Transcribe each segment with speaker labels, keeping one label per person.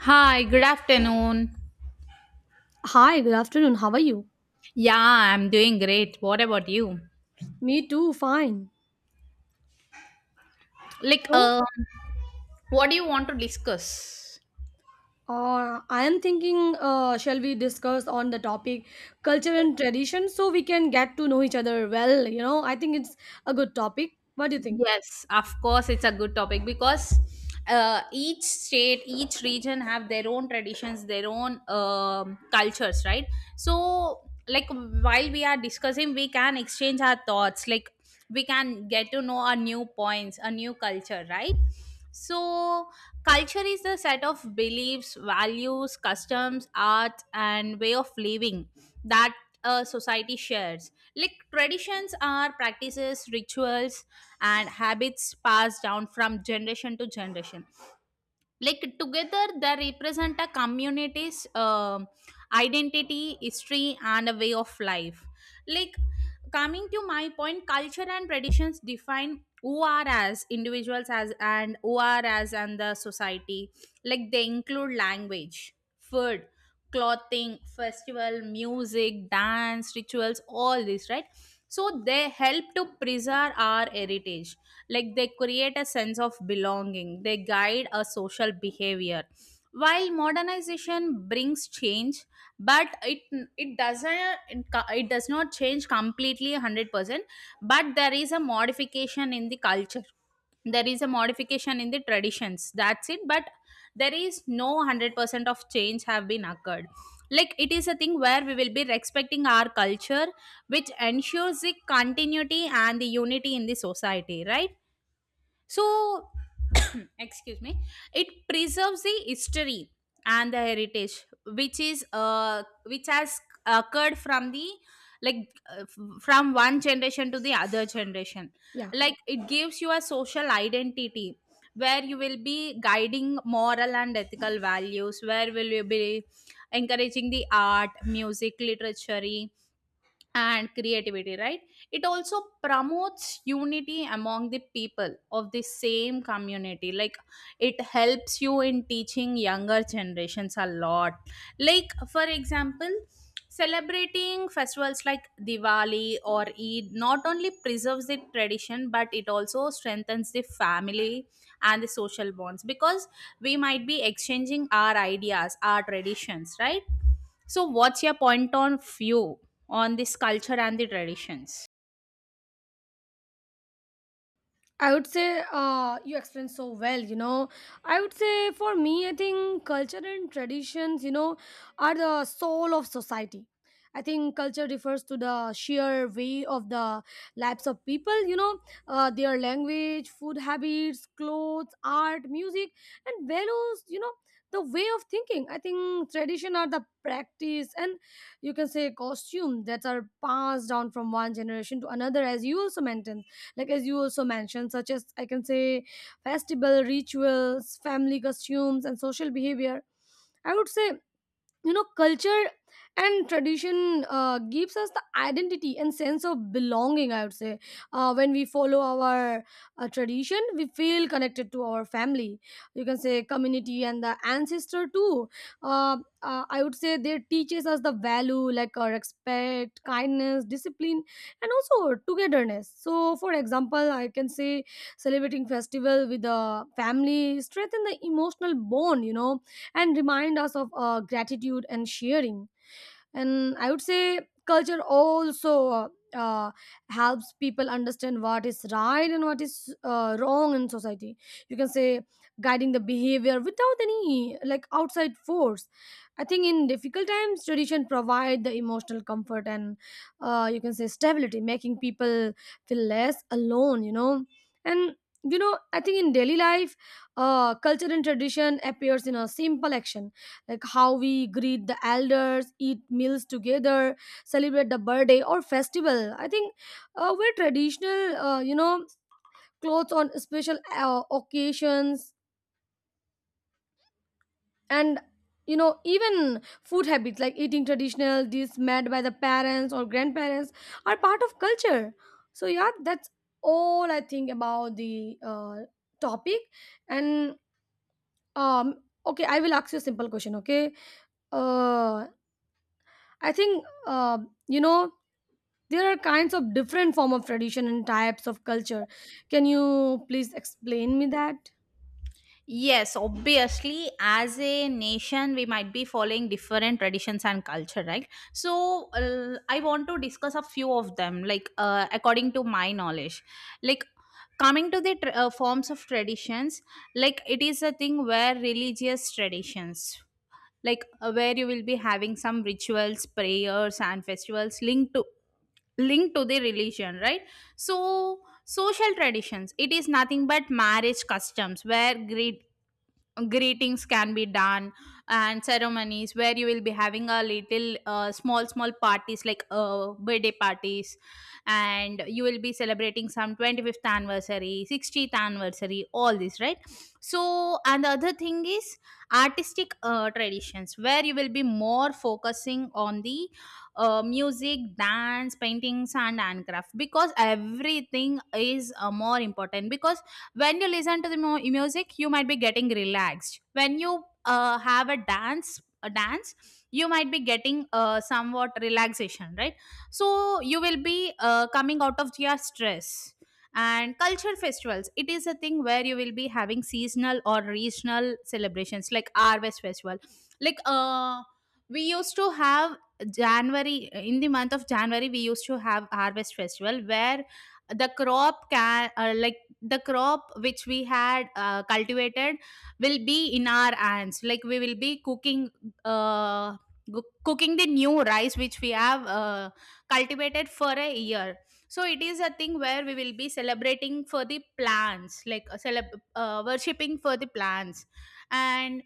Speaker 1: Hi, good afternoon.
Speaker 2: Hi, good afternoon. How are you?
Speaker 1: Yeah, I'm doing great. What about you?
Speaker 2: Me too, fine.
Speaker 1: Like,
Speaker 2: So,
Speaker 1: um, what do you want to discuss?
Speaker 2: I am thinking, shall we discuss on the topic culture and tradition so we can get to know each other well? You know, I think it's a good topic. What do you think?
Speaker 1: Yes, of course, it's a good topic because each state, each region have their own traditions, their own cultures, right? So, like while we are discussing, we can exchange our thoughts. Like we can get to know our new points, a new culture, right? So, culture is the set of beliefs, values, customs, art, and way of living that a society shares. Like traditions are practices, rituals, and habits passed down from generation to generation. Like together they represent a community's identity, history, and a way of life. Like coming to my point, culture and traditions define who are as individuals as, and who are as, and the society. Like they include language, food, clothing, festival, music, dance, rituals, all this, right? So they help to preserve our heritage. Like they create a sense of belonging, they guide a social behavior. While modernization brings change, but it doesn't, it does not change completely 100%. But there is a modification in the culture, there is a modification in the traditions, that's it. But there is no 100% of change have been occurred. Like it is a thing where we will be respecting our culture, which ensures the continuity and the unity in the society, right? So, excuse me, it preserves the history and the heritage, which is which has occurred from the, from one generation to the other generation.
Speaker 2: Yeah.
Speaker 1: Like it gives you a social identity, where you will be guiding moral and ethical values, where will you be encouraging the art, music, literature, and creativity, right? It also promotes unity among the people of the same community. Like it helps you in teaching younger generations a lot. Like for example, celebrating festivals like Diwali or Eid not only preserves the tradition, but it also strengthens the family and the social bonds, because we might be exchanging our ideas, our traditions, right? So what's your point on view? On this culture and the traditions.
Speaker 2: I would say you explained so well, you know. I would say for me, I think culture and traditions, you know, are the soul of society. I think culture refers to the sheer way of the lives of people, you know, their language, food habits, clothes, art, music, and values, you know, the way of thinking. I think tradition are the practice and you can say costume that are passed down from one generation to another, as you also mentioned like as you also mentioned, such as I can say festival rituals, family costumes, and social behavior. I would say, you know, culture and tradition gives us the identity and sense of belonging. I would say when we follow our tradition, we feel connected to our family, you can say community, and the ancestor too. uh, I would say they teaches us the value like our respect, kindness, discipline, and also togetherness. So for example, I can say celebrating festival with the family strengthen the emotional bond, you know, and remind us of gratitude and sharing. And I would say culture also uh, uh, helps people understand what is right and what is wrong in society, you can say guiding the behavior without any like outside force. I think in difficult times, tradition provide the emotional comfort and you can say stability, making people feel less alone, you know. And you know, I think in daily life, culture and tradition appears in a simple action, like how we greet the elders, eat meals together, celebrate the birthday or festival. I think wear traditional, you know, clothes on special occasions. And you know, even food habits like eating traditional dishes made by the parents or grandparents are part of culture. So yeah, that's all I think about the topic. And um okay, I will ask you a simple question, okay. uh I think You know, there are kinds of different form of tradition and types of culture. Can you please explain me that?
Speaker 1: Yes, obviously, as a nation, we might be following different traditions and culture, right? So, I want to discuss a few of them, like according to my knowledge. Like, coming to the tr forms of traditions, like, it is a thing where religious traditions, like, where you will be having some rituals, prayers, and festivals linked to, linked to the religion, right? So social traditions, it is nothing but marriage customs, where great greetings can be done, and ceremonies where you will be having a little, small parties, like birthday parties, and you will be celebrating some 25th anniversary, 60th anniversary, all this, right? So, and the other thing is artistic, traditions where you will be more focusing on the, music, dance, paintings, and handcraft, because everything is more important, because when you listen to the music, you might be getting relaxed. When you have a dance, you might be getting somewhat relaxation, right? So you will be coming out of your stress. And culture festivals, it is a thing where you will be having seasonal or regional celebrations like harvest festival, like we used to have january in the month of January we used to have harvest festival, where the crop can, like the crop which we had cultivated will be in our hands. Like we will be cooking, uh, cooking the new rice which we have cultivated for a year. So it is a thing where we will be celebrating for the plants, like worshipping for the plants. And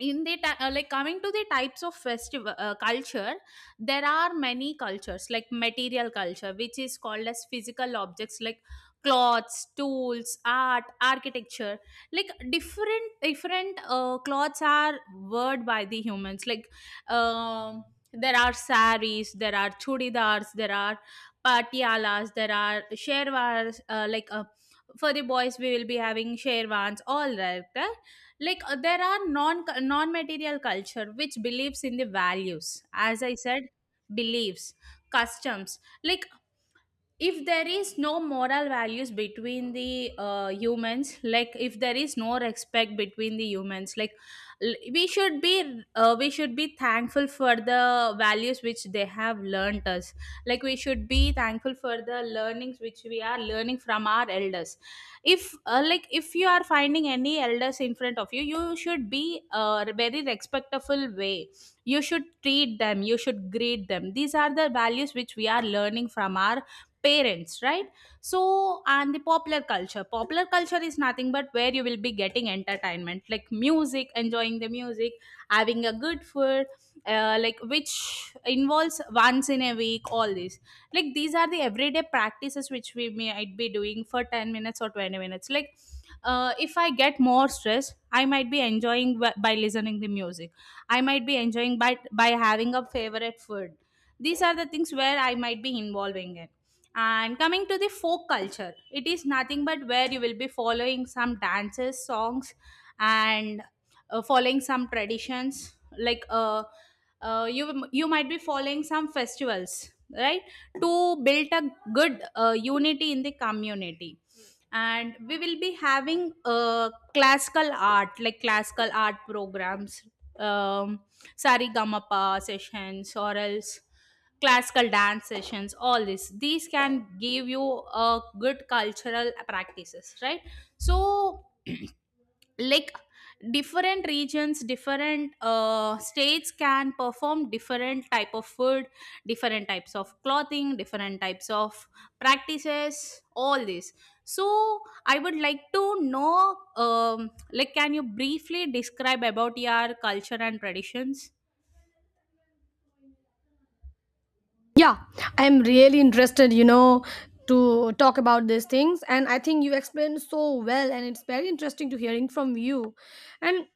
Speaker 1: like coming to the types of festival, culture, there are many cultures, like material culture, which is called as physical objects, like cloths, tools, art, architecture. Like different cloths are worn by the humans, like um there are saris, there are chudidars, there are patialas, there are sherwas, like for the boys we will be having sherwans, all right. Like there are non material culture, which believes in the values, as I said, beliefs, customs. Like if there is no moral values between the humans, like if there is no respect between the humans, like, we should be thankful for the values which they have learned us. Like we should be thankful for the learnings which we are learning from our elders. If like if you are finding any elders in front of you, you should be, very respectful way, you should treat them, you should greet them. These are the values which we are learning from our parents, right? So, and the popular culture. Popular culture is nothing but where you will be getting entertainment, like music, enjoying the music, having a good food, like which involves once in a week, all this. Like these are the everyday practices which we might be doing for 10 minutes or 20 minutes, like if I get more stress, I might be enjoying, by listening the music. I might be enjoying by having a favorite food. These are the things where I might be involving in. And coming to the folk culture, it is nothing but where you will be following some dances, songs, and following some traditions. Like you might be following some festivals, right, to build a good, unity in the community. And we will be having, classical art, like classical art programs, um, Sarigamapa sessions, or else classical dance sessions, all this, these can give you a good cultural practices, right? So, like different regions, different, states can perform different type of food, different types of clothing, different types of practices, all this. So I would like to know, like can you briefly describe about your culture and traditions?
Speaker 2: Yeah, I am really interested, you know, to talk about these things. And I think you explained so well, and it's very interesting to hearing from you. And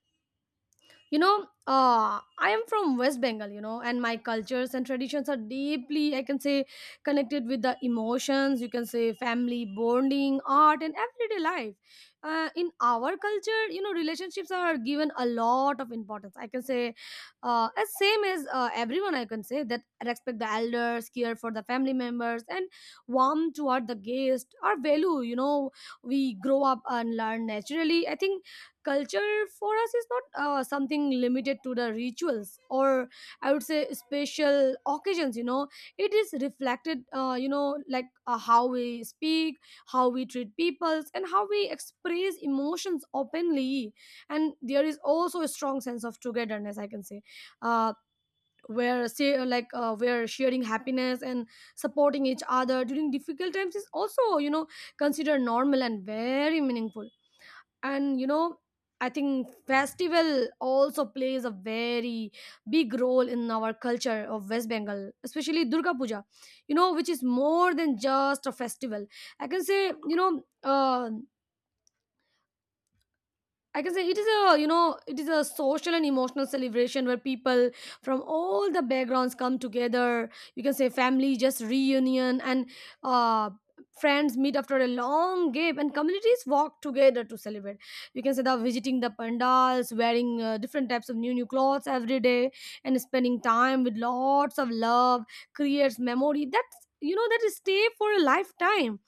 Speaker 2: you know, I am from West Bengal, you know, and my cultures and traditions are deeply, I can say, connected with the emotions, you can say, family, bonding, art, and everyday life. In our culture, you know, relationships are given a lot of importance. I can say, as same as everyone, I can say that respect the elders, care for the family members, and warm toward the guest are value, you know, we grow up and learn naturally. I think culture for us is not something limited to the rituals or I would say special occasions. You know, it is reflected, you know, like how we speak, how we treat peoples, and how we express emotions openly. And there is also a strong sense of togetherness, I can say, uh, where say like where sharing happiness and supporting each other during difficult times is also, you know, considered normal and very meaningful. And you know, I think festival also plays a very big role in our culture of West Bengal, especially Durga Puja, you know, which is more than just a festival. I can say, you know, I can say it is a, you know, it is a social and emotional celebration where people from all the backgrounds come together. You can say family just reunion, and uh, friends meet after a long gap and communities walk together to celebrate. You can say they are visiting the pandals, wearing different types of new clothes every day, and spending time with lots of love creates memory. That's, you know, that is stay for a lifetime.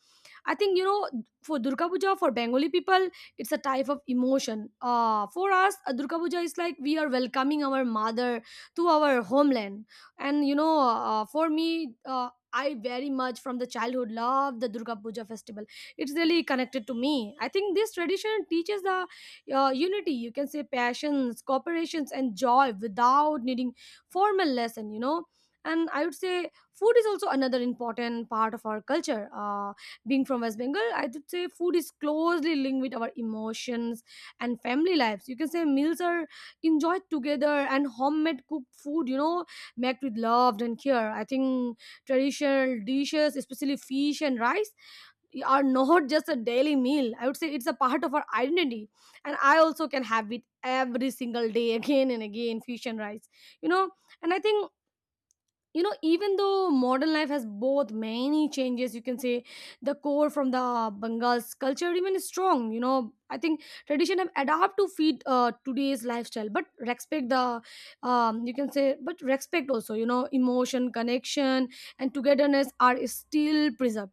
Speaker 2: I think, you know, for Durga Puja, for Bengali people, it's a type of emotion. For us, Durga Puja is like we are welcoming our mother to our homeland. And you know, for me. I very much from the childhood love the Durga Puja festival. It's really connected to me. I think this tradition teaches the unity, you can say passions, cooperations, and joy without needing formal lesson, you know. And I would say food is also another important part of our culture. Being from West Bengal, I would say food is closely linked with our emotions and family lives. You can say meals are enjoyed together and homemade cooked food, you know, made with love and care. I think traditional dishes, especially fish and rice, are not just a daily meal. I would say it's a part of our identity. And I also can have it every single day again and again, fish and rice, you know. And I think, you know, even though modern life has both many changes, you can say the core from the Bengal's culture remains strong, you know. I think tradition have adapt to feed today's lifestyle, but respect the you can say, but respect also, you know, emotion connection and togetherness are still preserved.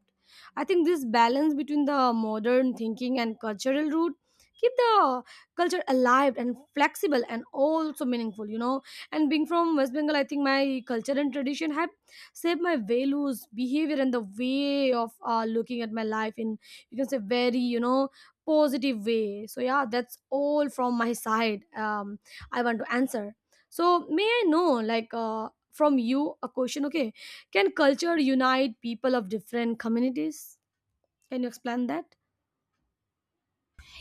Speaker 2: I think this balance between the modern thinking and cultural root keep the culture alive and flexible and also meaningful, you know. And being from West Bengal, I think my culture and tradition have shaped my values, behavior, and the way of looking at my life in, you can say, very, you know, positive way. So yeah, that's all from my side. I want to answer, so may I know like, from you a question, okay. Can culture unite people of different communities? Can you explain that?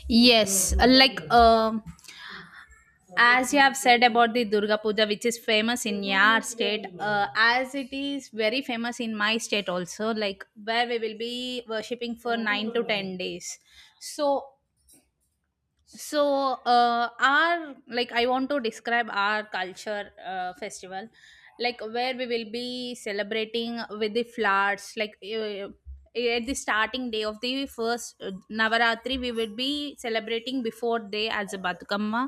Speaker 1: Yes, like, as you have said about the Durga Puja which is famous in your state, as it is very famous in my state also, like where we will be worshipping for 9 to 10 days. So so, our, like I want to describe our culture, festival. Like where we will be celebrating with the flowers, like at the starting day of the first, Navaratri, we will be celebrating before day as a Batukamma,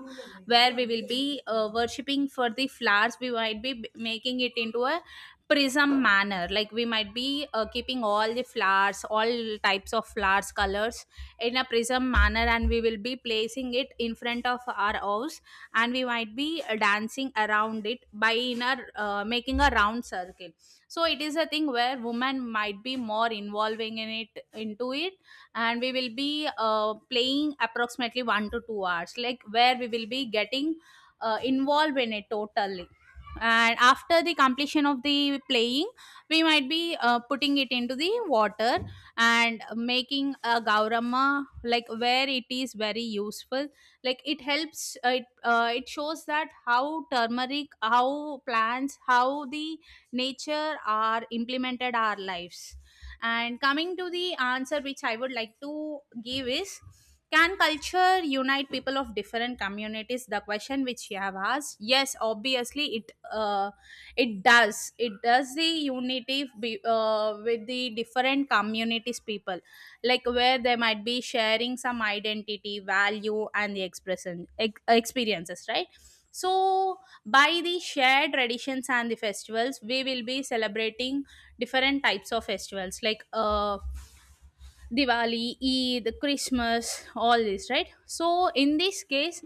Speaker 1: where we will be worshipping for the flowers. We might be, making it into a prism manner, like we might be keeping all the flowers, all types of flowers, colors, in a prism manner, and we will be placing it in front of our house. And we might be, dancing around it, by in a, making a round circle. So it is a thing where women might be more involving in it, into it. And we will be playing approximately 1 to 2 hours, like where we will be getting, involved in it totally. And after the completion of the playing, we might be putting it into the water and making a Gaurama, like where it is very useful. Like it helps, it shows that how turmeric, how plants, how the nature are implemented our lives. And coming to the answer which I would like to give is, can culture unite people of different communities, the question which you have asked, yes, obviously, it, it does the unity be, with the different communities people, like where they might be sharing some identity, value, and the expression, experiences, right? So, by the shared traditions and the festivals, we will be celebrating different types of festivals, like Diwali, Eid, Christmas, all this, right? So, in this case,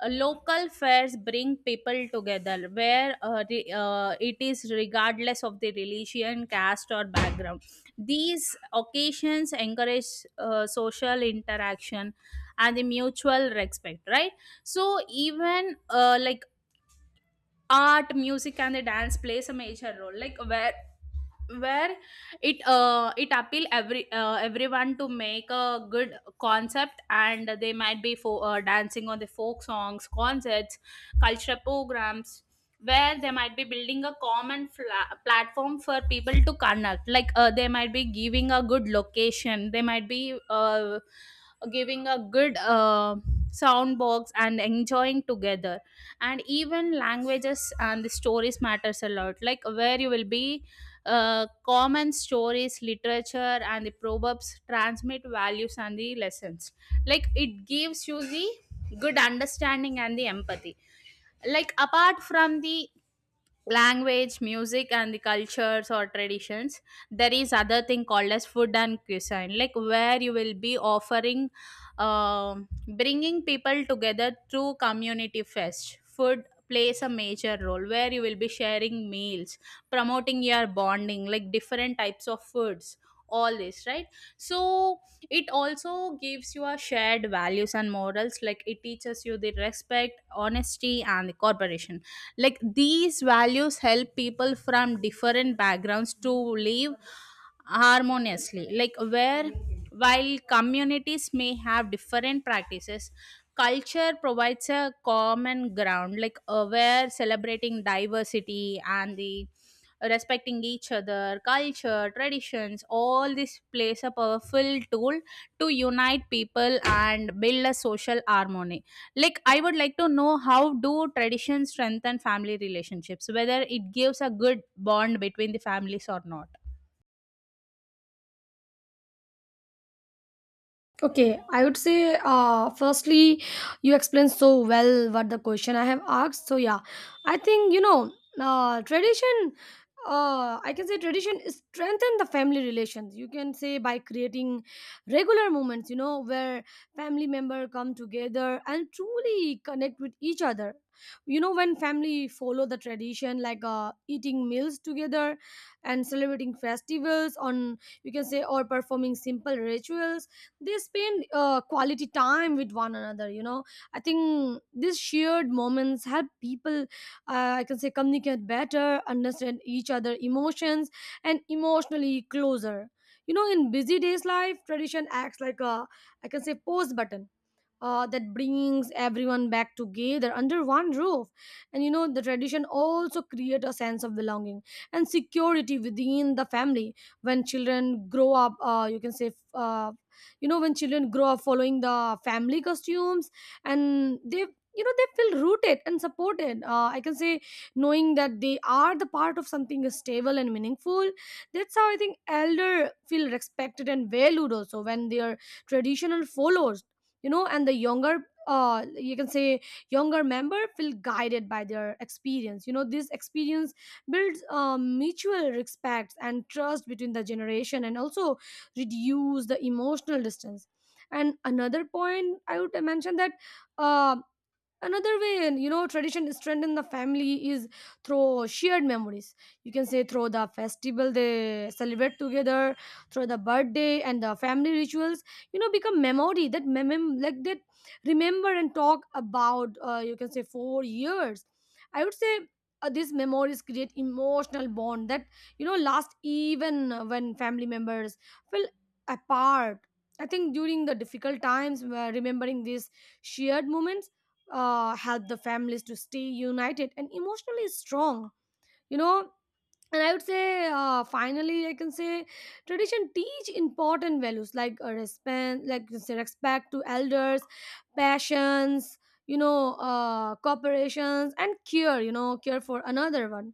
Speaker 1: local fairs bring people together, where it is regardless of the religion, caste, or background. These occasions encourage social interaction and the mutual respect, right? So, even like art music and the dance plays a major role like where it appeal everyone to make a good concept, and they might be for dancing on the folk songs, concerts, cultural programs, where they might be building a common platform for people to connect. Like they might be giving a good location, they might be giving a good sound box and enjoying together. And even languages and the stories matters a lot, like where you will be common stories, literature and the proverbs transmit values and the lessons. Like it gives you the good understanding and the empathy. Like apart from the language, music and the cultures or traditions, there is other thing called as food and cuisine, like where you will be offering, um bringing people together through community fest. Food plays a major role, where you will be sharing meals, promoting your bonding, like different types of foods, all this, right? So it also gives you a shared values and morals, like it teaches you the respect, honesty and the cooperation. Like these values help people from different backgrounds to live harmoniously. Like where, while communities may have different practices, culture provides a common ground. Like where celebrating diversity and the respecting each other culture traditions, all this plays a powerful tool to unite people and build a social harmony. Like I would like to know, how do traditions strengthen family relationships, whether it gives a good bond between the families or not?
Speaker 2: Okay, I would say firstly you explained so well what the question I have asked. So yeah, I think, you know, tradition I can say tradition is strengthen the family relations. You can say by creating regular moments, you know, where family member come together and truly connect with each other. You know, when family follow the tradition like eating meals together and celebrating festivals on, you can say, or performing simple rituals, they spend quality time with one another. You know, I think these shared moments help people I can say communicate better, understand each other emotions and emotionally closer. You know, in busy days life, tradition acts like a, I can say, pause button that brings everyone back together under one roof. And you know, the tradition also create a sense of belonging and security within the family. When children grow up, you can say you know, when children grow up following the family costumes and they, you know, they feel rooted and supported. Uh, I can say knowing that they are the part of something stable and meaningful. That's how, I think, elder feel respected and valued also when their traditional follows, you know. And the younger, you can say younger member feel guided by their experience. You know, this experience builds mutual respect and trust between the generation, and also reduce the emotional distance. And another point I would mention that, um another way, you know, tradition strengthen the family is through shared memories. You can say through the festival they celebrate together, through the birthday and the family rituals. You know, become memory that like that remember and talk about. You can say for years. I would say these memories create emotional bond that, you know, last even when family members feel apart. I think during the difficult times, remembering these shared moments help the families to stay united and emotionally strong. You know, and I would say finally I can say tradition teach important values like respect, like you can say, respect to elders, passions, you know, cooperations, and care, you know, care for another one.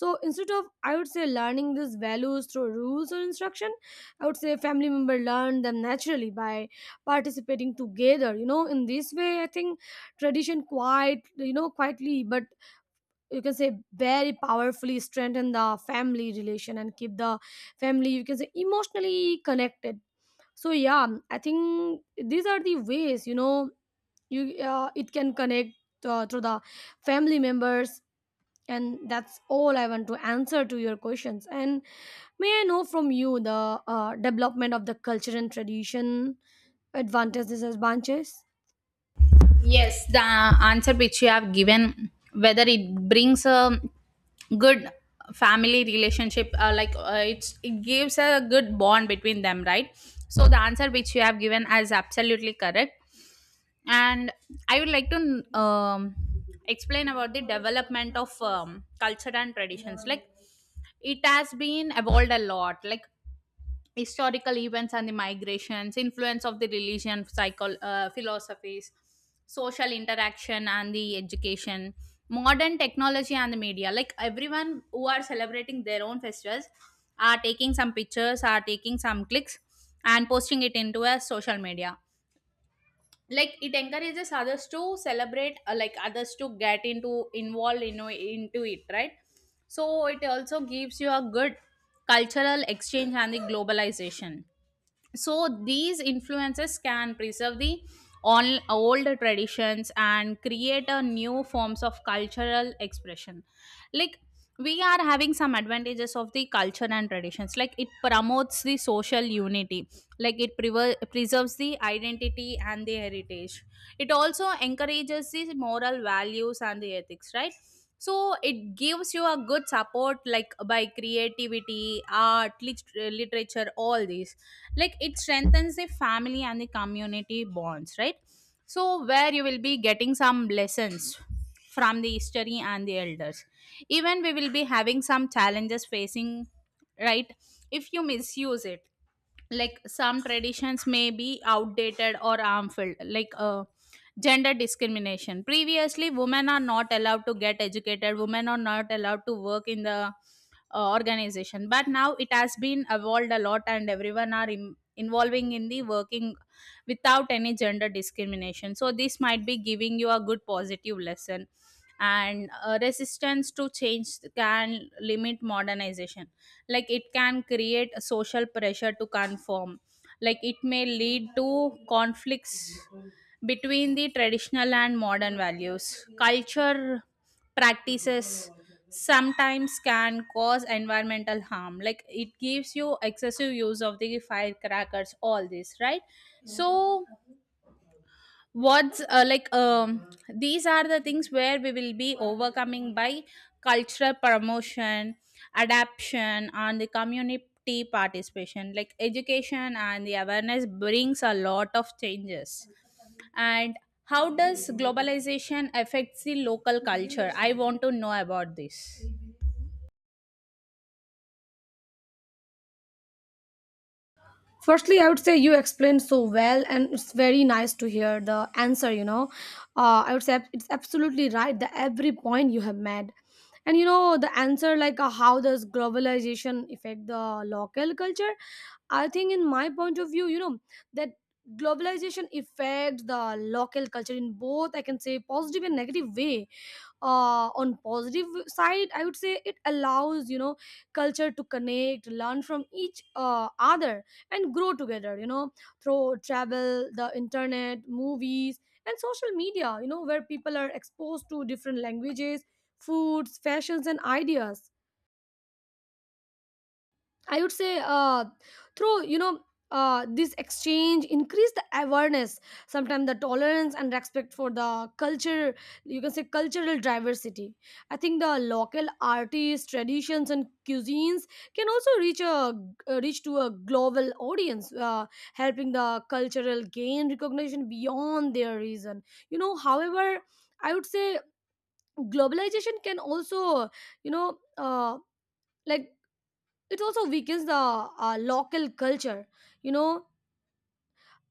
Speaker 2: So instead of, I would say, learning these values through rules or instruction, I would say family member learn them naturally by participating together. You know, in this way, I think tradition quite, you know, quietly but, you can say, very powerfully strengthen the family relation and keep the family, you can say, emotionally connected. So yeah, I think these are the ways, you know, you it can connect through the family members. And that's all I want to answer to your questions. And may I know from you the development of the culture and tradition, advantages, disadvantages?
Speaker 1: Yes, the answer which you have given, whether it brings a good family relationship, like it gives a good bond between them, right? So the answer which you have given is absolutely correct. And I would like to explain about the development of culture and traditions. Like it has been evolved a lot. Like historical events and the migrations, influence of the religion, philosophies, social interaction and the education, modern technology and the media. Like everyone who are celebrating their own festivals are taking some pictures, are taking some clicks and posting it into a social media. Like it encourages others to celebrate, like others to get into involved in, into it, right? So it also gives you a good cultural exchange and the globalization, so these influences can preserve the all old traditions and create a new forms of cultural expression. Like we are having some advantages of the culture and traditions, like it promotes the social unity, like it preserves the identity and the heritage. It also encourages the moral values and the ethics, right? So it gives you a good support like by creativity, art, literature, all these, like it strengthens the family and the community bonds, right? So where you will be getting some lessons from the history and the elders. Even we will be having some challenges facing, right, if you misuse it. Like some traditions may be outdated or harmful, like gender discrimination. Previously women are not allowed to get educated, women are not allowed to work in the organization, but now it has been evolved a lot and everyone are involving in the working without any gender discrimination, so this might be giving you a good positive lesson. And resistance to change can limit modernization, like it can create a social pressure to conform, like it may lead to conflicts between the traditional and modern values. Culture practices sometimes can cause environmental harm, like it gives you excessive use of the firecrackers, all this, right? So what's like these are the things where we will be overcoming by cultural promotion, adaptation and the community participation, like education and the awareness brings a lot of changes. And how does globalization affects the local culture, I want to know about this.
Speaker 2: Firstly, I would say you explained so well, and it's very nice to hear the answer. You know, I would say it's absolutely right. The every point you have made, and you know the answer like how does globalization affect the local culture? I think in my point of view, you know that globalization affects the local culture in both I can say positive and negative way. On positive side I would say it allows, you know, culture to connect, learn from each other and grow together, you know, through travel, the internet, movies, and social media, you know, where people are exposed to different languages, foods, fashions, and ideas. I would say through, you know, this exchange increase the awareness, sometimes the tolerance and respect for the culture. You can say cultural diversity. I think the local artists, traditions, and cuisines can also reach a reach to a global audience, helping the cultural gain recognition beyond their region. You know, however, I would say globalization can also, you know. Like it also weakens the local culture, you know.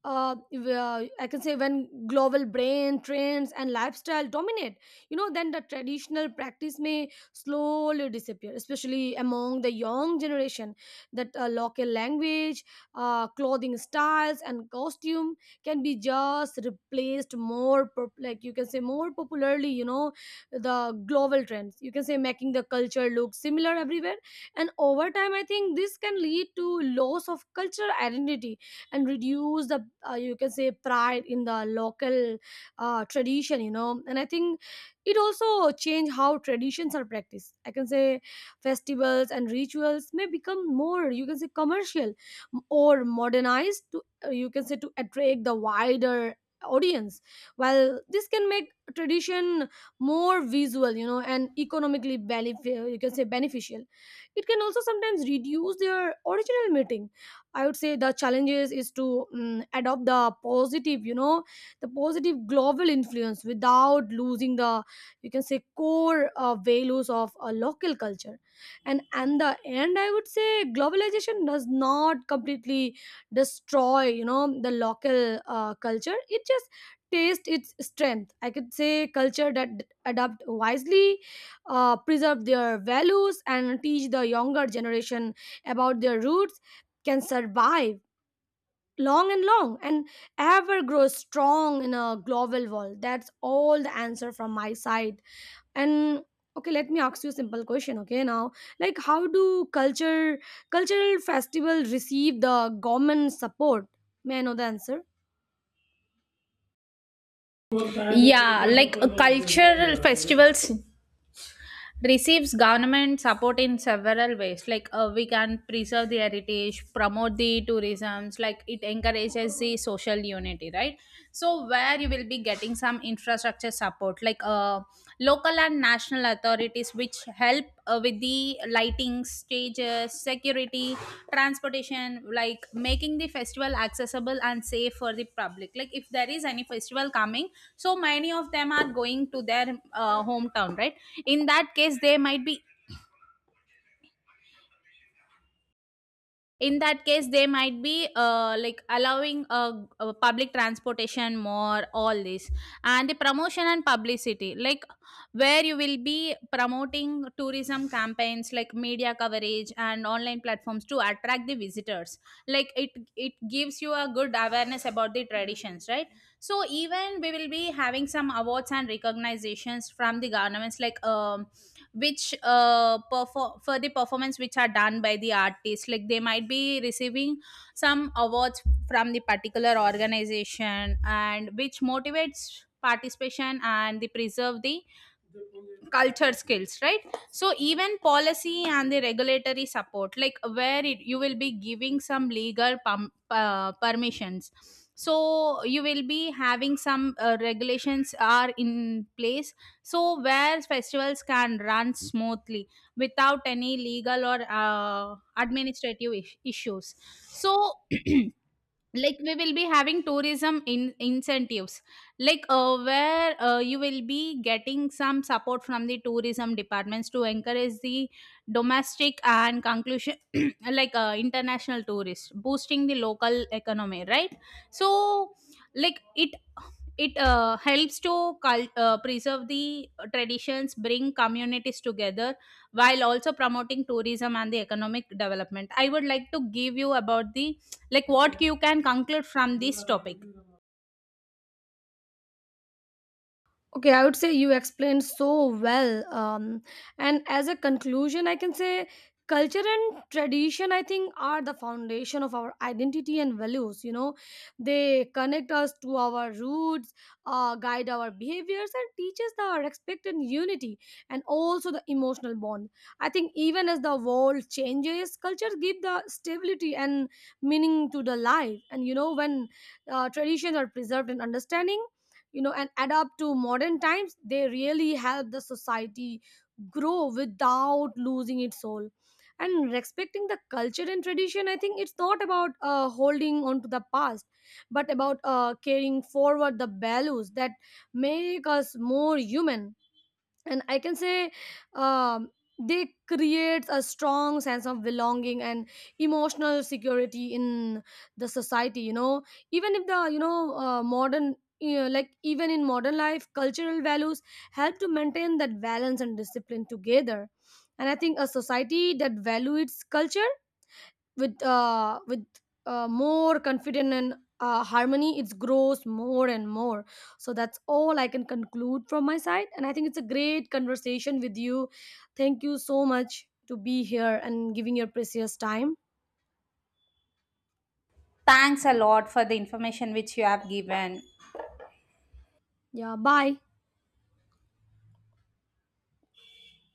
Speaker 2: If, I can say when global brain trends and lifestyle dominate, you know, then the traditional practice may slowly disappear, especially among the young generation. That local language, clothing styles, and costume can be just replaced more, like you can say, more popularly, you know, the global trends. You can say making the culture look similar everywhere, and over time, I think this can lead to loss of cultural identity and reduce the you can say pride in the local tradition, you know. And I think it also change how traditions are practiced. I can say festivals and rituals may become more, you can say, commercial or modernized to you can say to attract the wider audience. While this can make tradition more visual, you know, and economically benefit, you can say beneficial, it can also sometimes reduce their original meaning. I would say the challenges is to adopt the positive, you know, the positive global influence without losing the, you can say, core values of a local culture. And the end, I would say globalization does not completely destroy, you know, the local culture. It just tastes its strength. I could say culture that adapt wisely, preserve their values, and teach the younger generation about their roots can survive long and long and ever grow strong in a global world. That's all the answer from my side. And okay, let me ask you a simple question. Okay, now, like how do culture cultural festival receive the government support? May I know the answer?
Speaker 1: Yeah, like cultural festivals receives government support in several ways, like we can preserve the heritage, promote the tourism, like it encourages the social unity, right? So where you will be getting some infrastructure support, like local and national authorities which help with the lighting, stages, security, transportation, like making the festival accessible and safe for the public. Like if there is any festival coming, so many of them are going to their hometown, right? In that case they might be in that case they might be like allowing public transportation more, all this. And the promotion and publicity, like where you will be promoting tourism campaigns like media coverage and online platforms to attract the visitors. Like it gives you a good awareness about the traditions, right? So even we will be having some awards and recognitions from the governments, like which for the performance which are done by the artist, like they might be receiving some awards from the particular organization, and which motivates participation and they preserve the culture skills, right? So even policy and the regulatory support, like where it, you will be giving some legal permissions, so you will be having some regulations are in place, so where festivals can run smoothly without any legal or administrative issues. So like we will be having tourism in incentives, like where you will be getting some support from the tourism departments to encourage the domestic and conclusion like international tourists, boosting the local economy, right? So like it helps to preserve the traditions, bring communities together, while also promoting tourism and the economic development. I would like to give you about the, like what you can conclude from this topic.
Speaker 2: Okay, I would say you explained so well. And as a conclusion, I can say culture and tradition, I think, are the foundation of our identity and values. You know, they connect us to our roots, guide our behaviors, and teach us the respect and unity, and also the emotional bond. I think even as the world changes, culture give the stability and meaning to the life. And you know, when traditions are preserved in understanding, you know, and adapt to modern times, they really help the society grow without losing its soul. And respecting the culture and tradition, I think it's not about holding on to the past, but about carrying forward the values that make us more human. And I can say, um, they create a strong sense of belonging and emotional security in the society, you know. Even if the, you know, modern, you know, like even in modern life, cultural values help to maintain that balance and discipline together. And I think a society that values its culture with more confidence and harmony, it grows more and more. So that's all I can conclude from my side, and I think it's a great conversation with you. Thank you so much to be here and giving your precious time.
Speaker 1: Thanks a lot for the information which you have given.
Speaker 2: Yeah, bye.